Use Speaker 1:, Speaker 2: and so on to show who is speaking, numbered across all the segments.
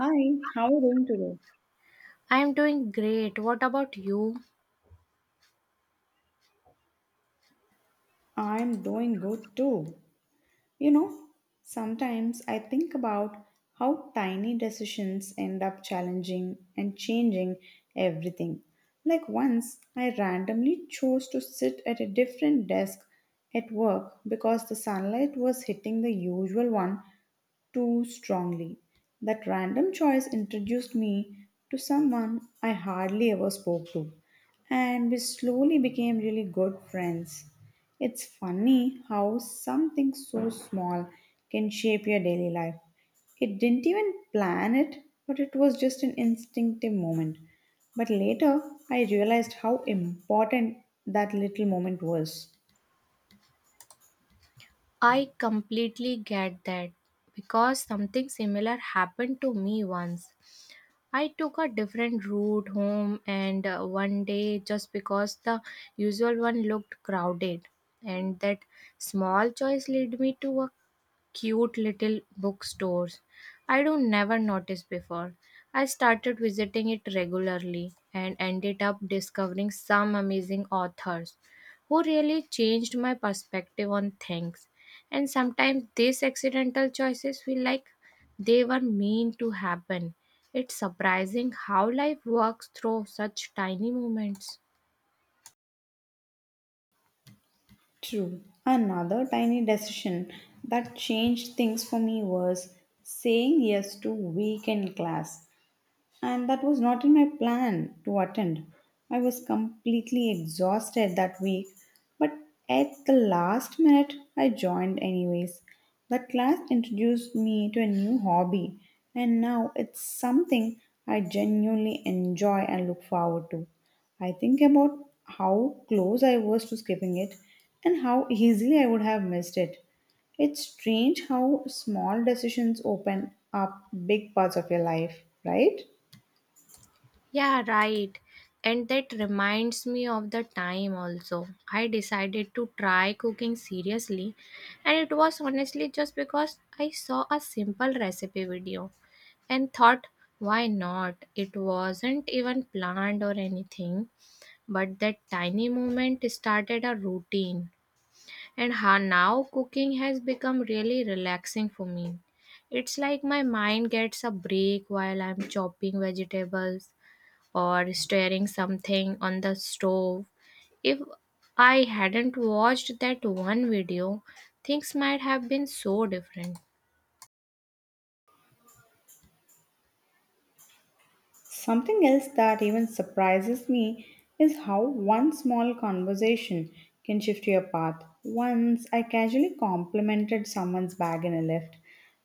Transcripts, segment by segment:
Speaker 1: Hi, how are you doing today?
Speaker 2: I'm doing great. What about you?
Speaker 1: I'm doing good too. You know, sometimes I think about how tiny decisions end up challenging and changing everything. Like once, I randomly chose to sit at a different desk at work because the sunlight was hitting the usual one too strongly. That random choice introduced me to someone I hardly ever spoke to, and we slowly became really good friends. It's funny how something so small can shape your daily life. It didn't even plan it, but it was just an instinctive moment. But later, I realized how important that little moment was.
Speaker 2: I completely get that because something similar happened to me once. I took a different route home, and one day, just because the usual one looked crowded, and that small choice led me to a cute little bookstores I don't never noticed before. I started visiting it regularly and ended up discovering some amazing authors who really changed my perspective on things. And sometimes these accidental choices feel like they were meant to happen. It's surprising how life works through such tiny moments.
Speaker 1: True. Another tiny decision that changed things for me was saying yes to weekend class and that was not in my plan to attend. I was completely exhausted that week, but at the last minute, I joined anyways. That class introduced me to a new hobby, and now it's something I genuinely enjoy and look forward to. I think about how close I was to skipping it and how easily I would have missed it. It's strange how small decisions open up big parts of your life, right?
Speaker 2: Yeah, right. And that reminds me of the time also. I decided to try cooking seriously, and it was honestly just because I saw a simple recipe video and thought, why not? It wasn't even planned or anything, but that tiny moment started a routine. And now cooking has become really relaxing for me. It's like my mind gets a break while I'm chopping vegetables or stirring something on the stove. If I hadn't watched that one video, things might have been so different.
Speaker 1: Something else that even surprises me is how one small conversation can shift your path. Once I casually complimented someone's bag in a lift,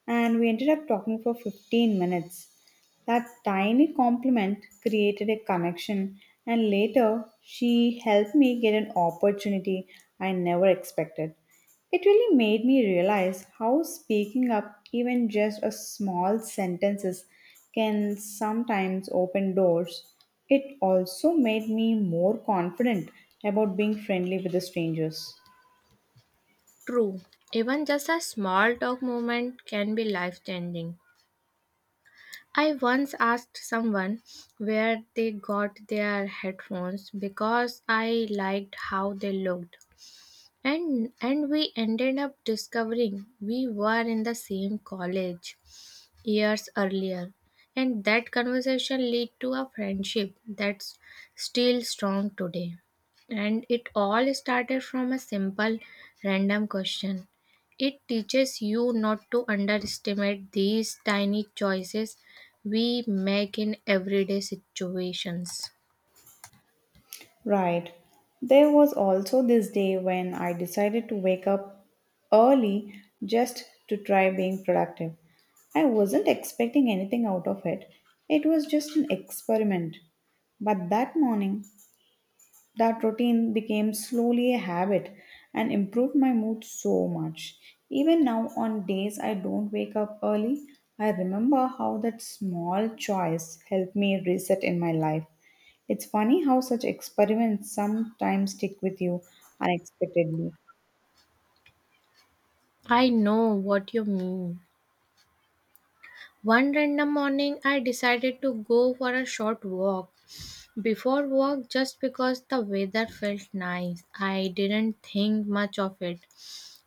Speaker 1: and we ended up talking for 15 minutes. That tiny compliment created a connection, and later she helped me get an opportunity I never expected. It really made me realize how speaking up, even just a small sentences, can sometimes open doors. It also made me more confident about being friendly with the strangers.
Speaker 2: True, even just a small talk moment can be life changing. I once asked someone where they got their headphones because I liked how they looked. And we ended up discovering we were in the same college years earlier, and that conversation led to a friendship that's still strong today. And it all started from a simple random question. It teaches you not to underestimate these tiny choices we make in everyday situations.
Speaker 1: Right. There was also this day when I decided to wake up early just to try being productive. I wasn't expecting anything out of it. It was just an experiment. But that morning, that routine became slowly a habit and improved my mood so much. Even now, on days I don't wake up early, I remember how that small choice helped me reset in my life. It's funny how such experiments sometimes stick with you unexpectedly.
Speaker 2: I know what you mean. One random morning, I decided to go for a short walk. Before work, just because the weather felt nice, I didn't think much of it.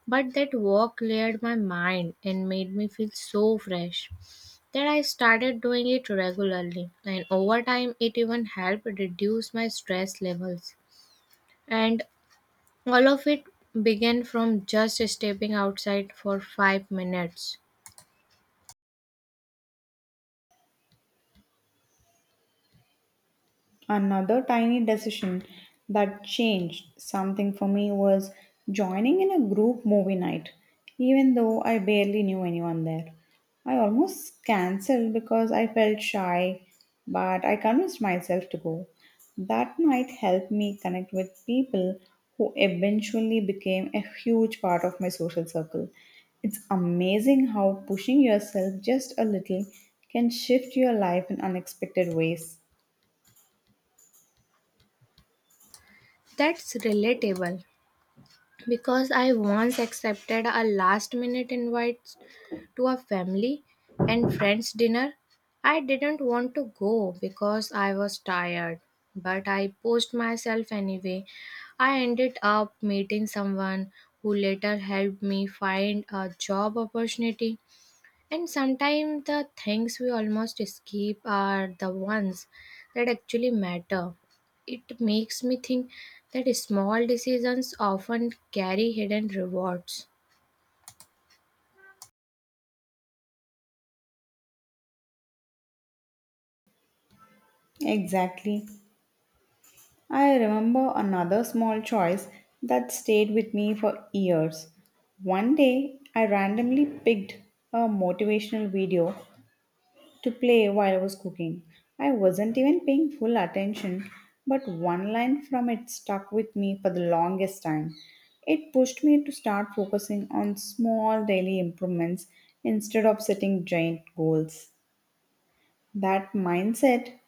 Speaker 2: But that walk cleared my mind and made me feel so fresh that I started doing it regularly. And over time, it even helped reduce my stress levels. And all of it began from just stepping outside for 5 minutes.
Speaker 1: Another tiny decision that changed something for me was joining in a group movie night, even though I barely knew anyone there. I almost cancelled because I felt shy, but I convinced myself to go. That night helped me connect with people who eventually became a huge part of my social circle. It's amazing how pushing yourself just a little can shift your life in unexpected ways.
Speaker 2: That's relatable because I once accepted a last minute invite to a family and friends dinner. I didn't want to go because I was tired, but I pushed myself anyway. I ended up meeting someone who later helped me find a job opportunity. And sometimes the things we almost skip are the ones that actually matter. It makes me think that small decisions often carry hidden rewards.
Speaker 1: Exactly. I remember another small choice that stayed with me for years. One day, I randomly picked a motivational video to play while I was cooking. I wasn't even paying full attention, but one line from it stuck with me for the longest time. It pushed me to start focusing on small daily improvements instead of setting giant goals. That mindset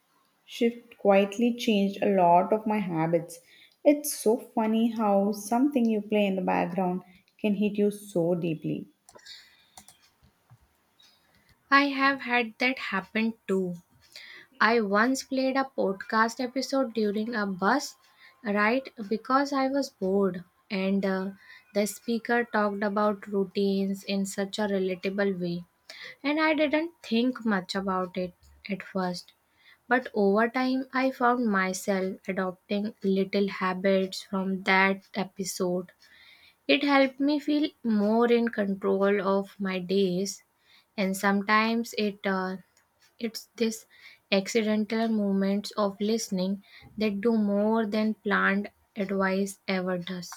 Speaker 1: shift quietly changed a lot of my habits. It's so funny how something you play in the background can hit you so deeply.
Speaker 2: I have had that happen too. I once played a podcast episode during a bus ride because I was bored, and the speaker talked about routines in such a relatable way. And I didn't think much about it at first. But over time, I found myself adopting little habits from that episode. It helped me feel more in control of my days, and sometimes it's this accidental moments of listening that do more than planned advice ever does.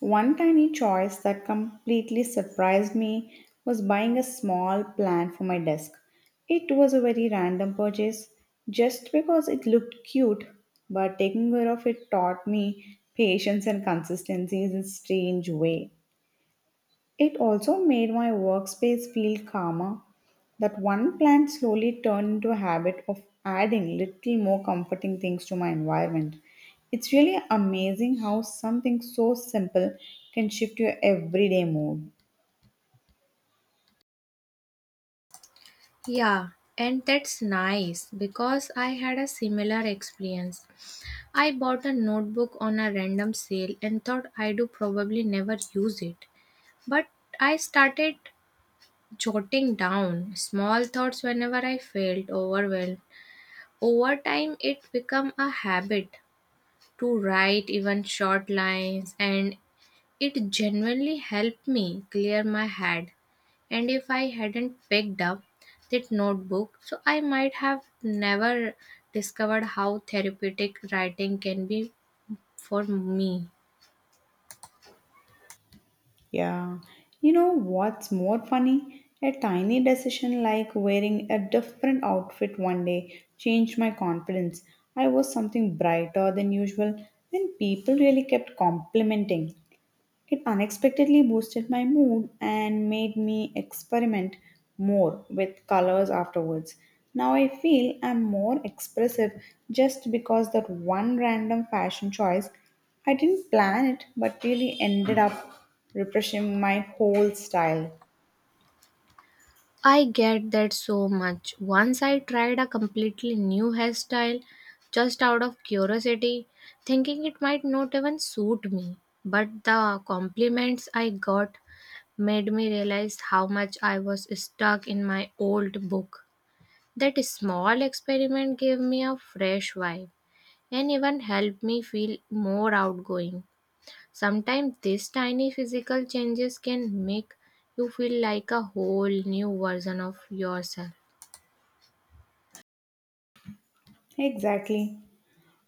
Speaker 1: One tiny choice that completely surprised me was buying a small plant for my desk. It was a very random purchase just because it looked cute, but taking care of it taught me patience and consistency in a strange way. It also made my workspace feel calmer. That one plant slowly turned into a habit of adding little more comforting things to my environment. It's really amazing how something so simple can shift your everyday mood.
Speaker 2: Yeah, and that's nice because I had a similar experience. I bought a notebook on a random sale and thought I do probably never use it. But I started jotting down small thoughts whenever I felt overwhelmed. Over time it became a habit to write even short lines, and it genuinely helped me clear my head. And if I hadn't picked up that notebook, so I might have never discovered how therapeutic writing can be for me.
Speaker 1: Yeah. You know what's more funny? A tiny decision like wearing a different outfit one day changed my confidence. I was something brighter than usual, and people really kept complimenting. It unexpectedly boosted my mood and made me experiment more with colors afterwards. Now I feel I'm more expressive just because that one random fashion choice. I didn't plan it, but really ended up refreshing my whole style.
Speaker 2: I get that so much. Once I tried a completely new hairstyle just out of curiosity, thinking it might not even suit me. But the compliments I got made me realize how much I was stuck in my old book. That small experiment gave me a fresh vibe and even helped me feel more outgoing. Sometimes these tiny physical changes can make you feel like a whole new version of yourself.
Speaker 1: Exactly.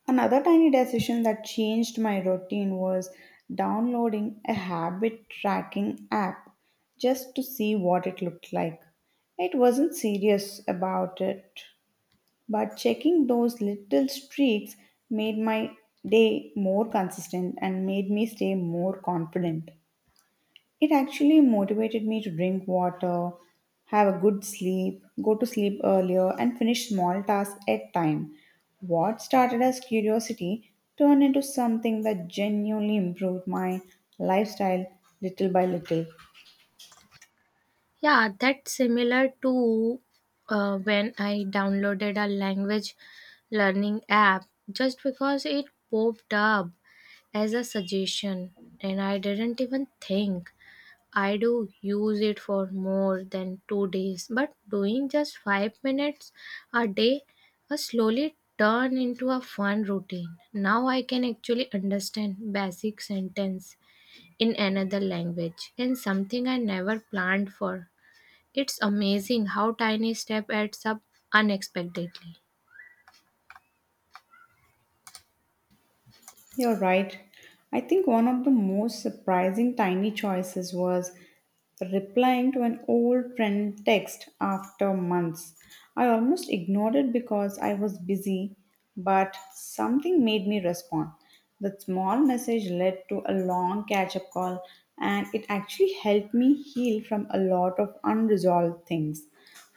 Speaker 1: Another tiny decision that changed my routine was downloading a habit tracking app just to see what it looked like. It wasn't serious about it, but checking those little streaks made my day more consistent and made me stay more confident. It actually motivated me to drink water, have a good sleep, go to sleep earlier, and finish small tasks at time. What started as curiosity turned into something that genuinely improved my lifestyle little by little.
Speaker 2: Yeah, that's similar to when I downloaded a language learning app just because it popped up as a suggestion, and I didn't even think I do use it for more than 2 days. But doing just 5 minutes a day has slowly turned into a fun routine. Now I can actually understand basic sentence in another language, and something I never planned for. It's amazing how tiny step adds up unexpectedly.
Speaker 1: You're right. I think one of the most surprising tiny choices was replying to an old friend text after months. I almost ignored it because I was busy, but something made me respond. That small message led to a long catch up call, and it actually helped me heal from a lot of unresolved things.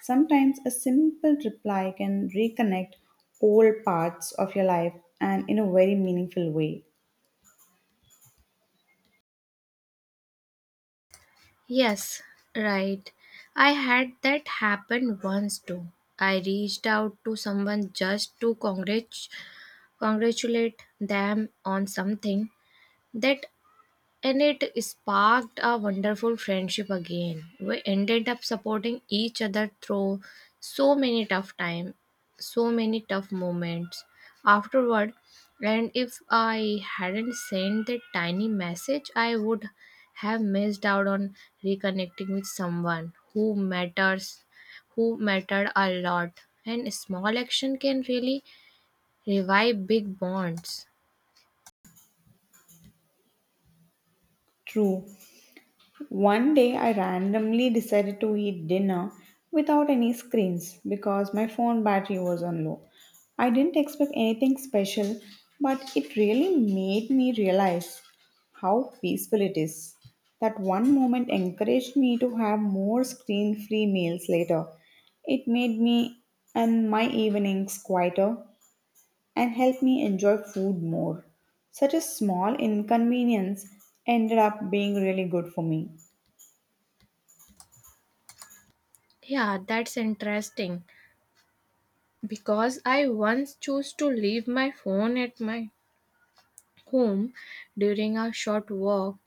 Speaker 1: Sometimes a simple reply can reconnect old parts of your life and in a very meaningful way.
Speaker 2: Yes, right. I had that happen once too. I reached out to someone just to congratulate them on something that, and it sparked a wonderful friendship again. We ended up supporting each other through so many tough time so many tough moments afterward. And if I hadn't sent that tiny message, I would have missed out on reconnecting with someone who mattered a lot. And small action can really revive big bonds.
Speaker 1: True. One day I randomly decided to eat dinner without any screens because my phone battery was on low. I didn't expect anything special, but it really made me realize how peaceful it is. That one moment encouraged me to have more screen free meals later. It made me and my evenings quieter and helped me enjoy food more. Such a small inconvenience ended up being really good for me.
Speaker 2: Yeah, that's interesting because I once chose to leave my phone at my home during a short walk.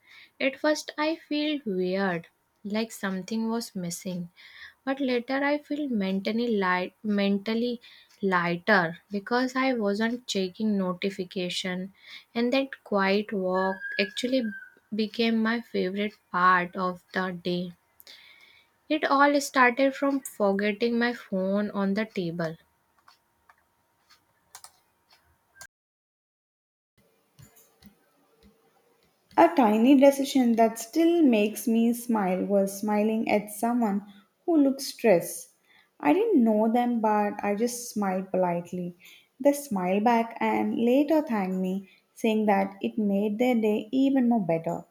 Speaker 2: At first, I feel weird, like something was missing, but later I feel mentally lighter because I wasn't checking notification, and that quiet walk actually became my favorite part of the day. It all started from forgetting my phone on the table.
Speaker 1: A tiny decision that still makes me smile was smiling at someone who looked stressed. I didn't know them, but I just smiled politely. They smiled back and later thanked me, saying that it made their day even more better.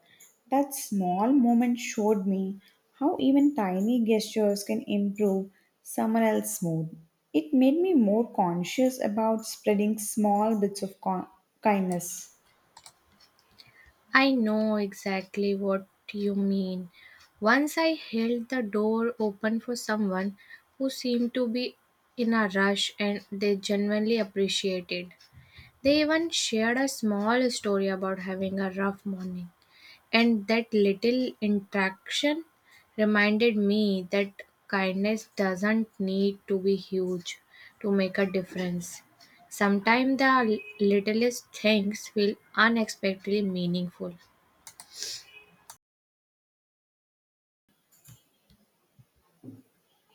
Speaker 1: That small moment showed me how even tiny gestures can improve someone else's mood. It made me more conscious about spreading small bits of kindness.
Speaker 2: I know exactly what you mean. Once I held the door open for someone who seemed to be in a rush, and they genuinely appreciated. They even shared a small story about having a rough morning. And that little interaction reminded me that kindness doesn't need to be huge to make a difference. Sometimes the littlest things feel unexpectedly meaningful.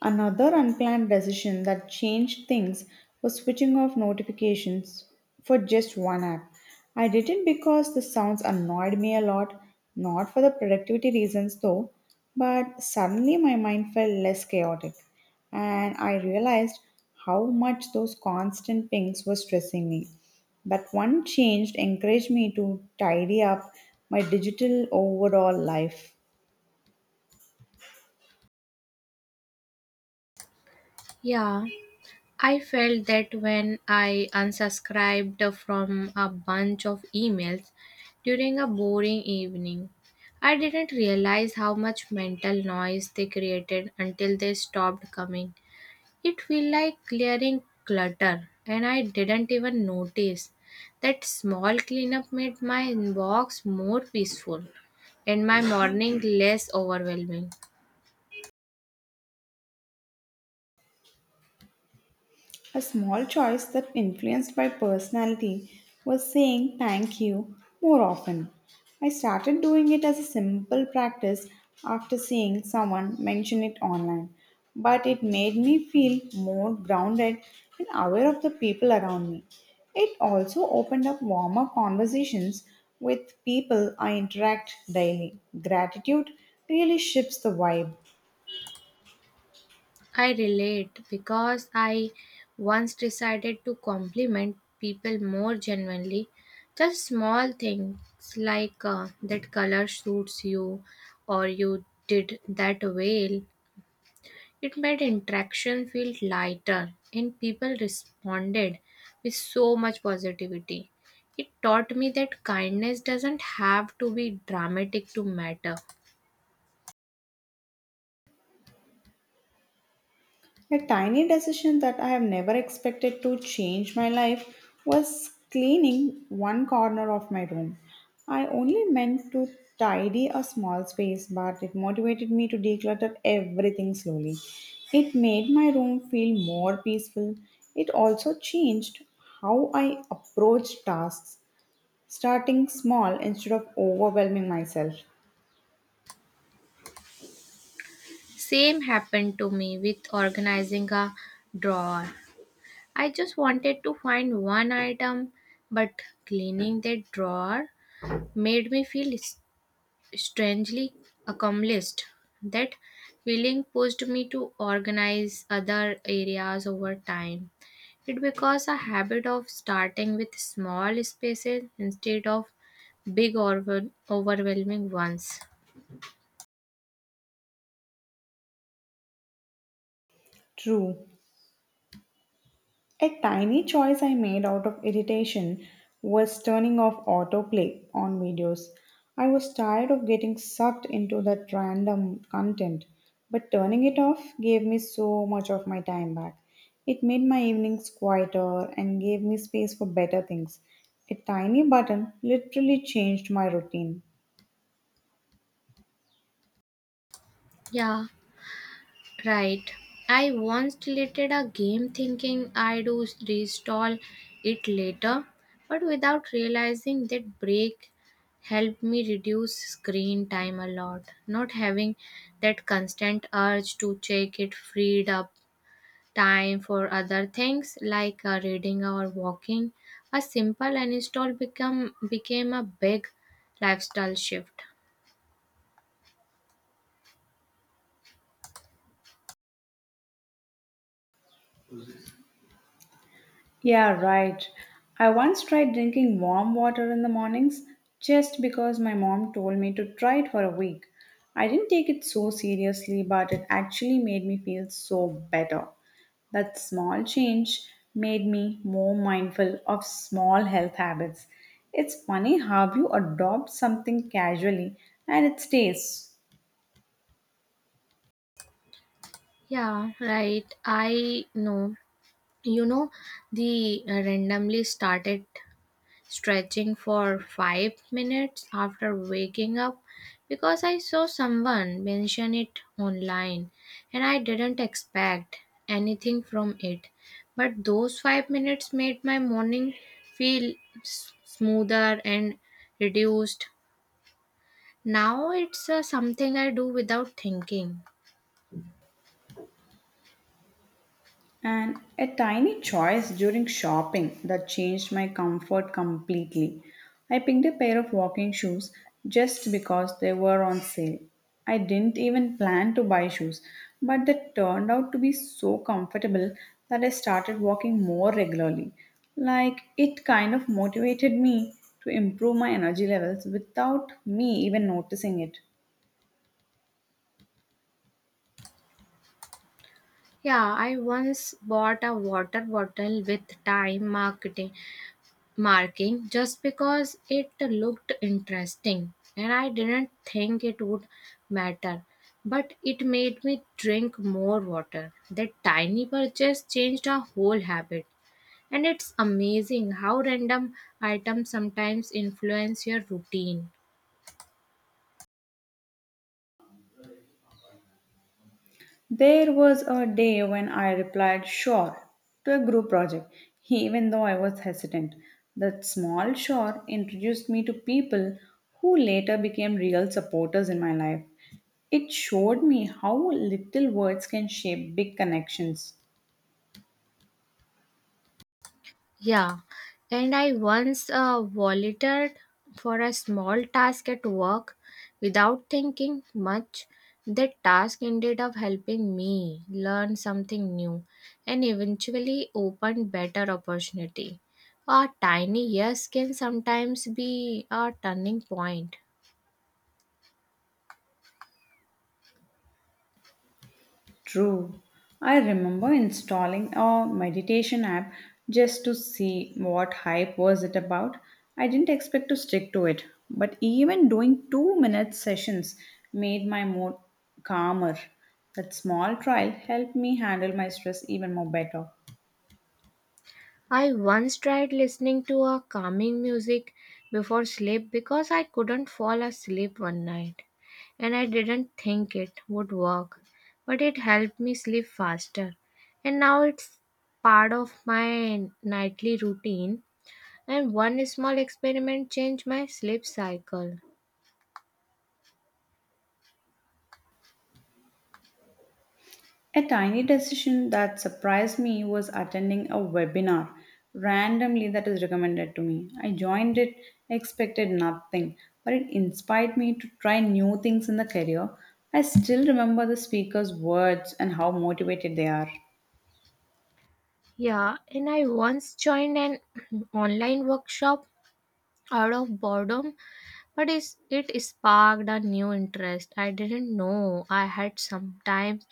Speaker 1: Another unplanned decision that changed things was switching off notifications for just one app. I did it because the sounds annoyed me a lot, not for the productivity reasons though, but suddenly my mind felt less chaotic and I realized how much those constant pings were stressing me. That one change encouraged me to tidy up my digital overall life.
Speaker 2: Yeah, I felt that when I unsubscribed from a bunch of emails during a boring evening. I didn't realize how much mental noise they created until they stopped coming. It felt like clearing clutter, and I didn't even notice that small cleanup made my inbox more peaceful and my morning less overwhelming.
Speaker 1: A small choice that influenced my personality was saying thank you more often. I started doing it as a simple practice after seeing someone mention it online, but it made me feel more grounded and aware of the people around me. It also opened up warmer conversations with people I interact daily. Gratitude really shifts the vibe.
Speaker 2: I relate because I once decided to compliment people more genuinely. Just small things like that color suits you or you did that well. It made interaction feel lighter, and people responded with so much positivity. It taught me that kindness doesn't have to be dramatic to matter.
Speaker 1: A tiny decision that I have never expected to change my life was cleaning one corner of my room. I only meant to tidy a small space, but it motivated me to declutter everything slowly. It made my room feel more peaceful. It also changed how I approached tasks, starting small instead of overwhelming myself.
Speaker 2: Same happened to me with organizing a drawer. I just wanted to find one item, but cleaning that drawer made me feel strangely accomplished. That feeling pushed me to organize other areas over time. It becomes a habit of starting with small spaces instead of big or overwhelming ones.
Speaker 1: True. A tiny choice I made out of irritation was turning off autoplay on videos. I was tired of getting sucked into that random content, but turning it off gave me so much of my time back. It made my evenings quieter and gave me space for better things. A tiny button literally changed my routine.
Speaker 2: Yeah. Right. I once deleted a game thinking I'd reinstall it later, but without realizing that break helped me reduce screen time a lot. Not having that constant urge to check it freed up time for other things like reading or walking. A simple uninstall become became a big lifestyle shift.
Speaker 1: Yeah, right. I once tried drinking warm water in the mornings just because my mom told me to try it for a week. I didn't take it so seriously, but it actually made me feel so better. That small change made me more mindful of small health habits. It's funny how you adopt something casually and it stays.
Speaker 2: Yeah, right. I know. You know, the randomly started stretching for 5 minutes after waking up because I saw someone mention it online, and I didn't expect anything from it. But those 5 minutes made my morning feel smoother and reduced. Now it's something I do without thinking.
Speaker 1: And a tiny choice during shopping that changed my comfort completely. I picked a pair of walking shoes just because they were on sale. I didn't even plan to buy shoes, but they turned out to be so comfortable that I started walking more regularly. Like it kind of motivated me to improve my energy levels without me even noticing it.
Speaker 2: Yeah, I once bought a water bottle with time marketing marking just because it looked interesting, and I didn't think it would matter. But it made me drink more water. That tiny purchase changed our whole habit. And it's amazing how random items sometimes influence your routine.
Speaker 1: There was a day when I replied sure to a group project, even though I was hesitant. That small sure introduced me to people who later became real supporters in my life. It showed me how little words can shape big connections.
Speaker 2: Yeah, and I once volunteered for a small task at work without thinking much. That task ended up helping me learn something new and eventually opened better opportunity. A tiny yes can sometimes be a turning point.
Speaker 1: True. I remember installing a meditation app just to see what hype was it about. I didn't expect to stick to it, but even doing 2-minute sessions made my mood calmer. That small trial helped me handle my stress even more better.
Speaker 2: I once tried listening to a calming music before sleep because I couldn't fall asleep one night, and I didn't think it would work, but it helped me sleep faster. And now it's part of my nightly routine, and one small experiment changed my sleep cycle.
Speaker 1: A tiny decision that surprised me was attending a webinar randomly that is recommended to me. I joined it, expected nothing, but it inspired me to try new things in the career. I still remember the speaker's words and how motivated they are.
Speaker 2: Yeah, and I once joined an online workshop out of boredom. But is it sparked a new interest I didn't know I had. Sometimes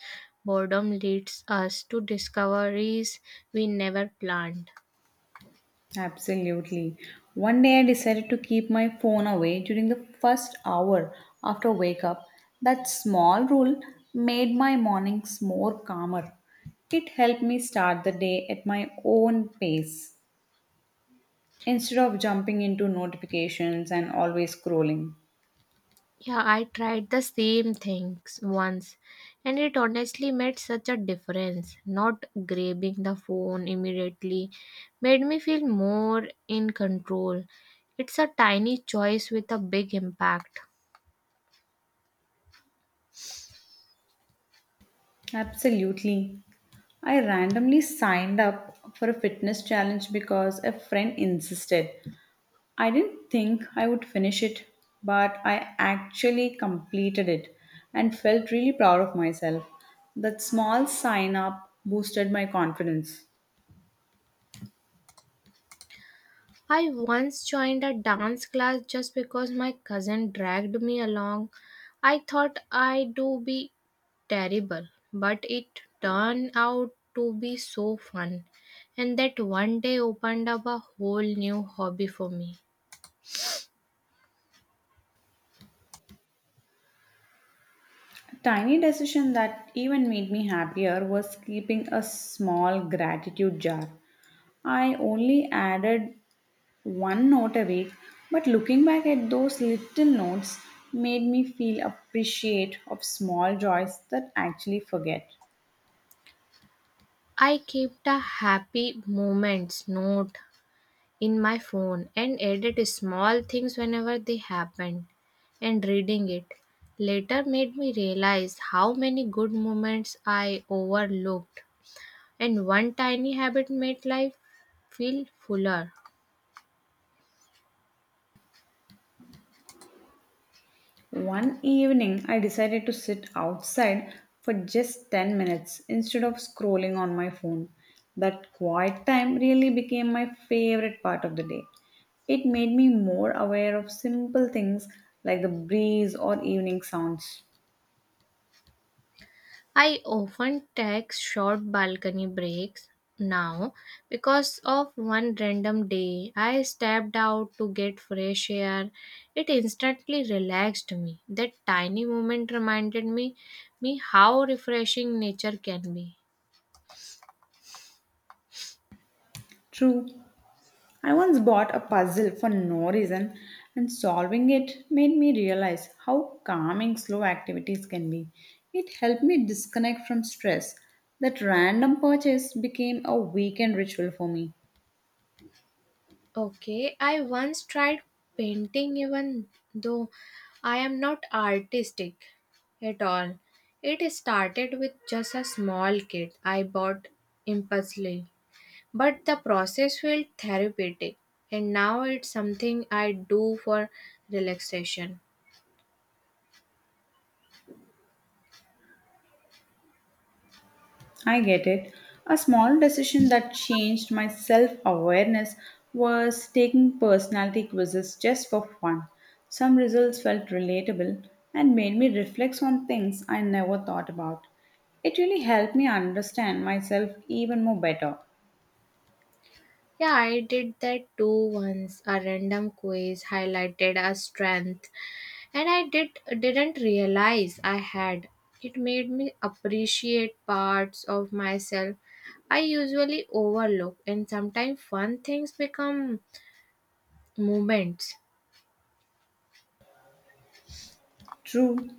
Speaker 2: boredom leads us to discoveries we never planned.
Speaker 1: Absolutely. One day I decided to keep my phone away during the first hour after wake up. That small rule made my mornings more calmer. It helped me start the day at my own pace instead of jumping into notifications and always scrolling.
Speaker 2: Yeah, I tried the same things once, and it honestly made such a difference. Not grabbing the phone immediately made me feel more in control. It's a tiny choice with a big impact.
Speaker 1: Absolutely. I randomly signed up for a fitness challenge because a friend insisted. I didn't think I would finish it, but I actually completed it and felt really proud of myself. That small sign up boosted my confidence.
Speaker 2: I once joined a dance class just because my cousin dragged me along. I thought I do be terrible, but it turned out to be so fun. And that one day opened up a whole new hobby for me.
Speaker 1: A tiny decision that even made me happier was keeping a small gratitude jar. I only added one note a week, but looking back at those little notes made me feel appreciate of small joys that I actually forget.
Speaker 2: I kept a happy moments note in my phone and edit small things whenever they happened, and reading it later made me realize how many good moments I overlooked. And one tiny habit made life feel fuller.
Speaker 1: One evening, I decided to sit outside for just 10 minutes instead of scrolling on my phone. That quiet time really became my favorite part of the day. It made me more aware of simple things like the breeze or evening sounds.
Speaker 2: I often take short balcony breaks now because of one random day I stepped out to get fresh air. It instantly relaxed me. That tiny moment reminded me how refreshing nature can be.
Speaker 1: True, I once bought a puzzle for no reason, and solving it made me realize how calming slow activities can be. It helped me disconnect from stress. That random purchase became a weekend ritual for me.
Speaker 2: Okay, I once tried painting even though I am not artistic at all. It started with just a small kit I bought impulsively. But the process felt therapeutic, and now it's something I do for relaxation.
Speaker 1: I get it. A small decision that changed my self awareness was taking personality quizzes just for fun. Some results felt relatable and made me reflect on things I never thought about. It really helped me understand myself even more better.
Speaker 2: Yeah, I did that too once. A random quiz highlighted a strength, and I didn't realize I had. It made me appreciate parts of myself I usually overlook, and sometimes fun things become moments.
Speaker 1: True,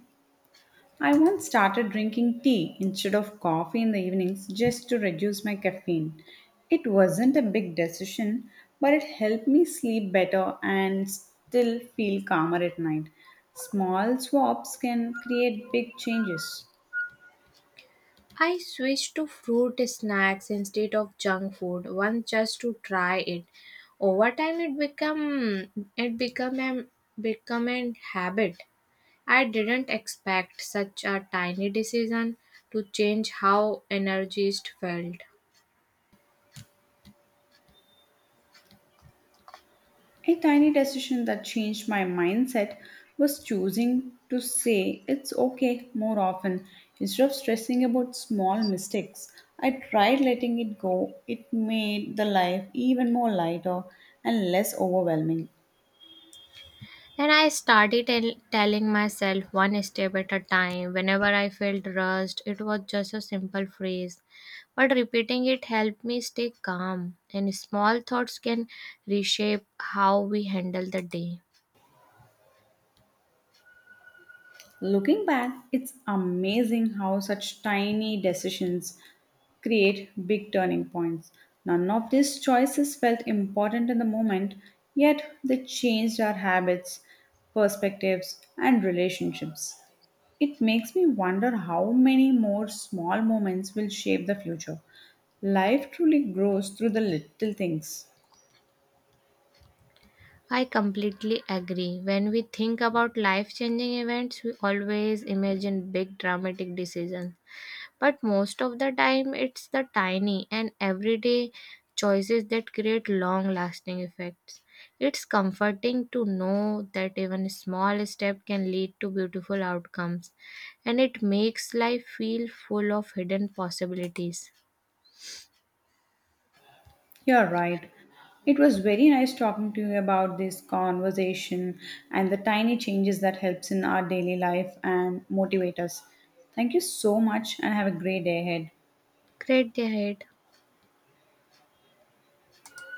Speaker 1: I once started drinking tea instead of coffee in the evenings just to reduce my caffeine. It wasn't a big decision, but it helped me sleep better and still feel calmer at night. Small swaps can create big changes.
Speaker 2: I switched to fruit snacks instead of junk food once just to try it. Over time it become a become a habit. I didn't expect such a tiny decision to change how energized felt.
Speaker 1: A tiny decision that changed my mindset was choosing to say it's okay more often. Instead of stressing about small mistakes, I tried letting it go. It made the life even more lighter and less overwhelming.
Speaker 2: And I started telling myself one step at a time. Whenever I felt rushed, it was just a simple phrase. But repeating it helped me stay calm, and small thoughts can reshape how we handle the day.
Speaker 1: Looking back, it's amazing how such tiny decisions create big turning points. None of these choices felt important in the moment, yet they changed our habits, perspectives, and relationships. It makes me wonder how many more small moments will shape the future. Life truly grows through the little things.
Speaker 2: I completely agree. When we think about life changing events, we always imagine big dramatic decisions. But most of the time, it's the tiny and everyday choices that create long lasting effects. It's comforting to know that even a small step can lead to beautiful outcomes, and it makes life feel full of hidden possibilities.
Speaker 1: You're right. It was very nice talking to you about this conversation and the tiny changes that helps in our daily life and motivate us. Thank you so much and have a great day ahead.
Speaker 2: Great day ahead.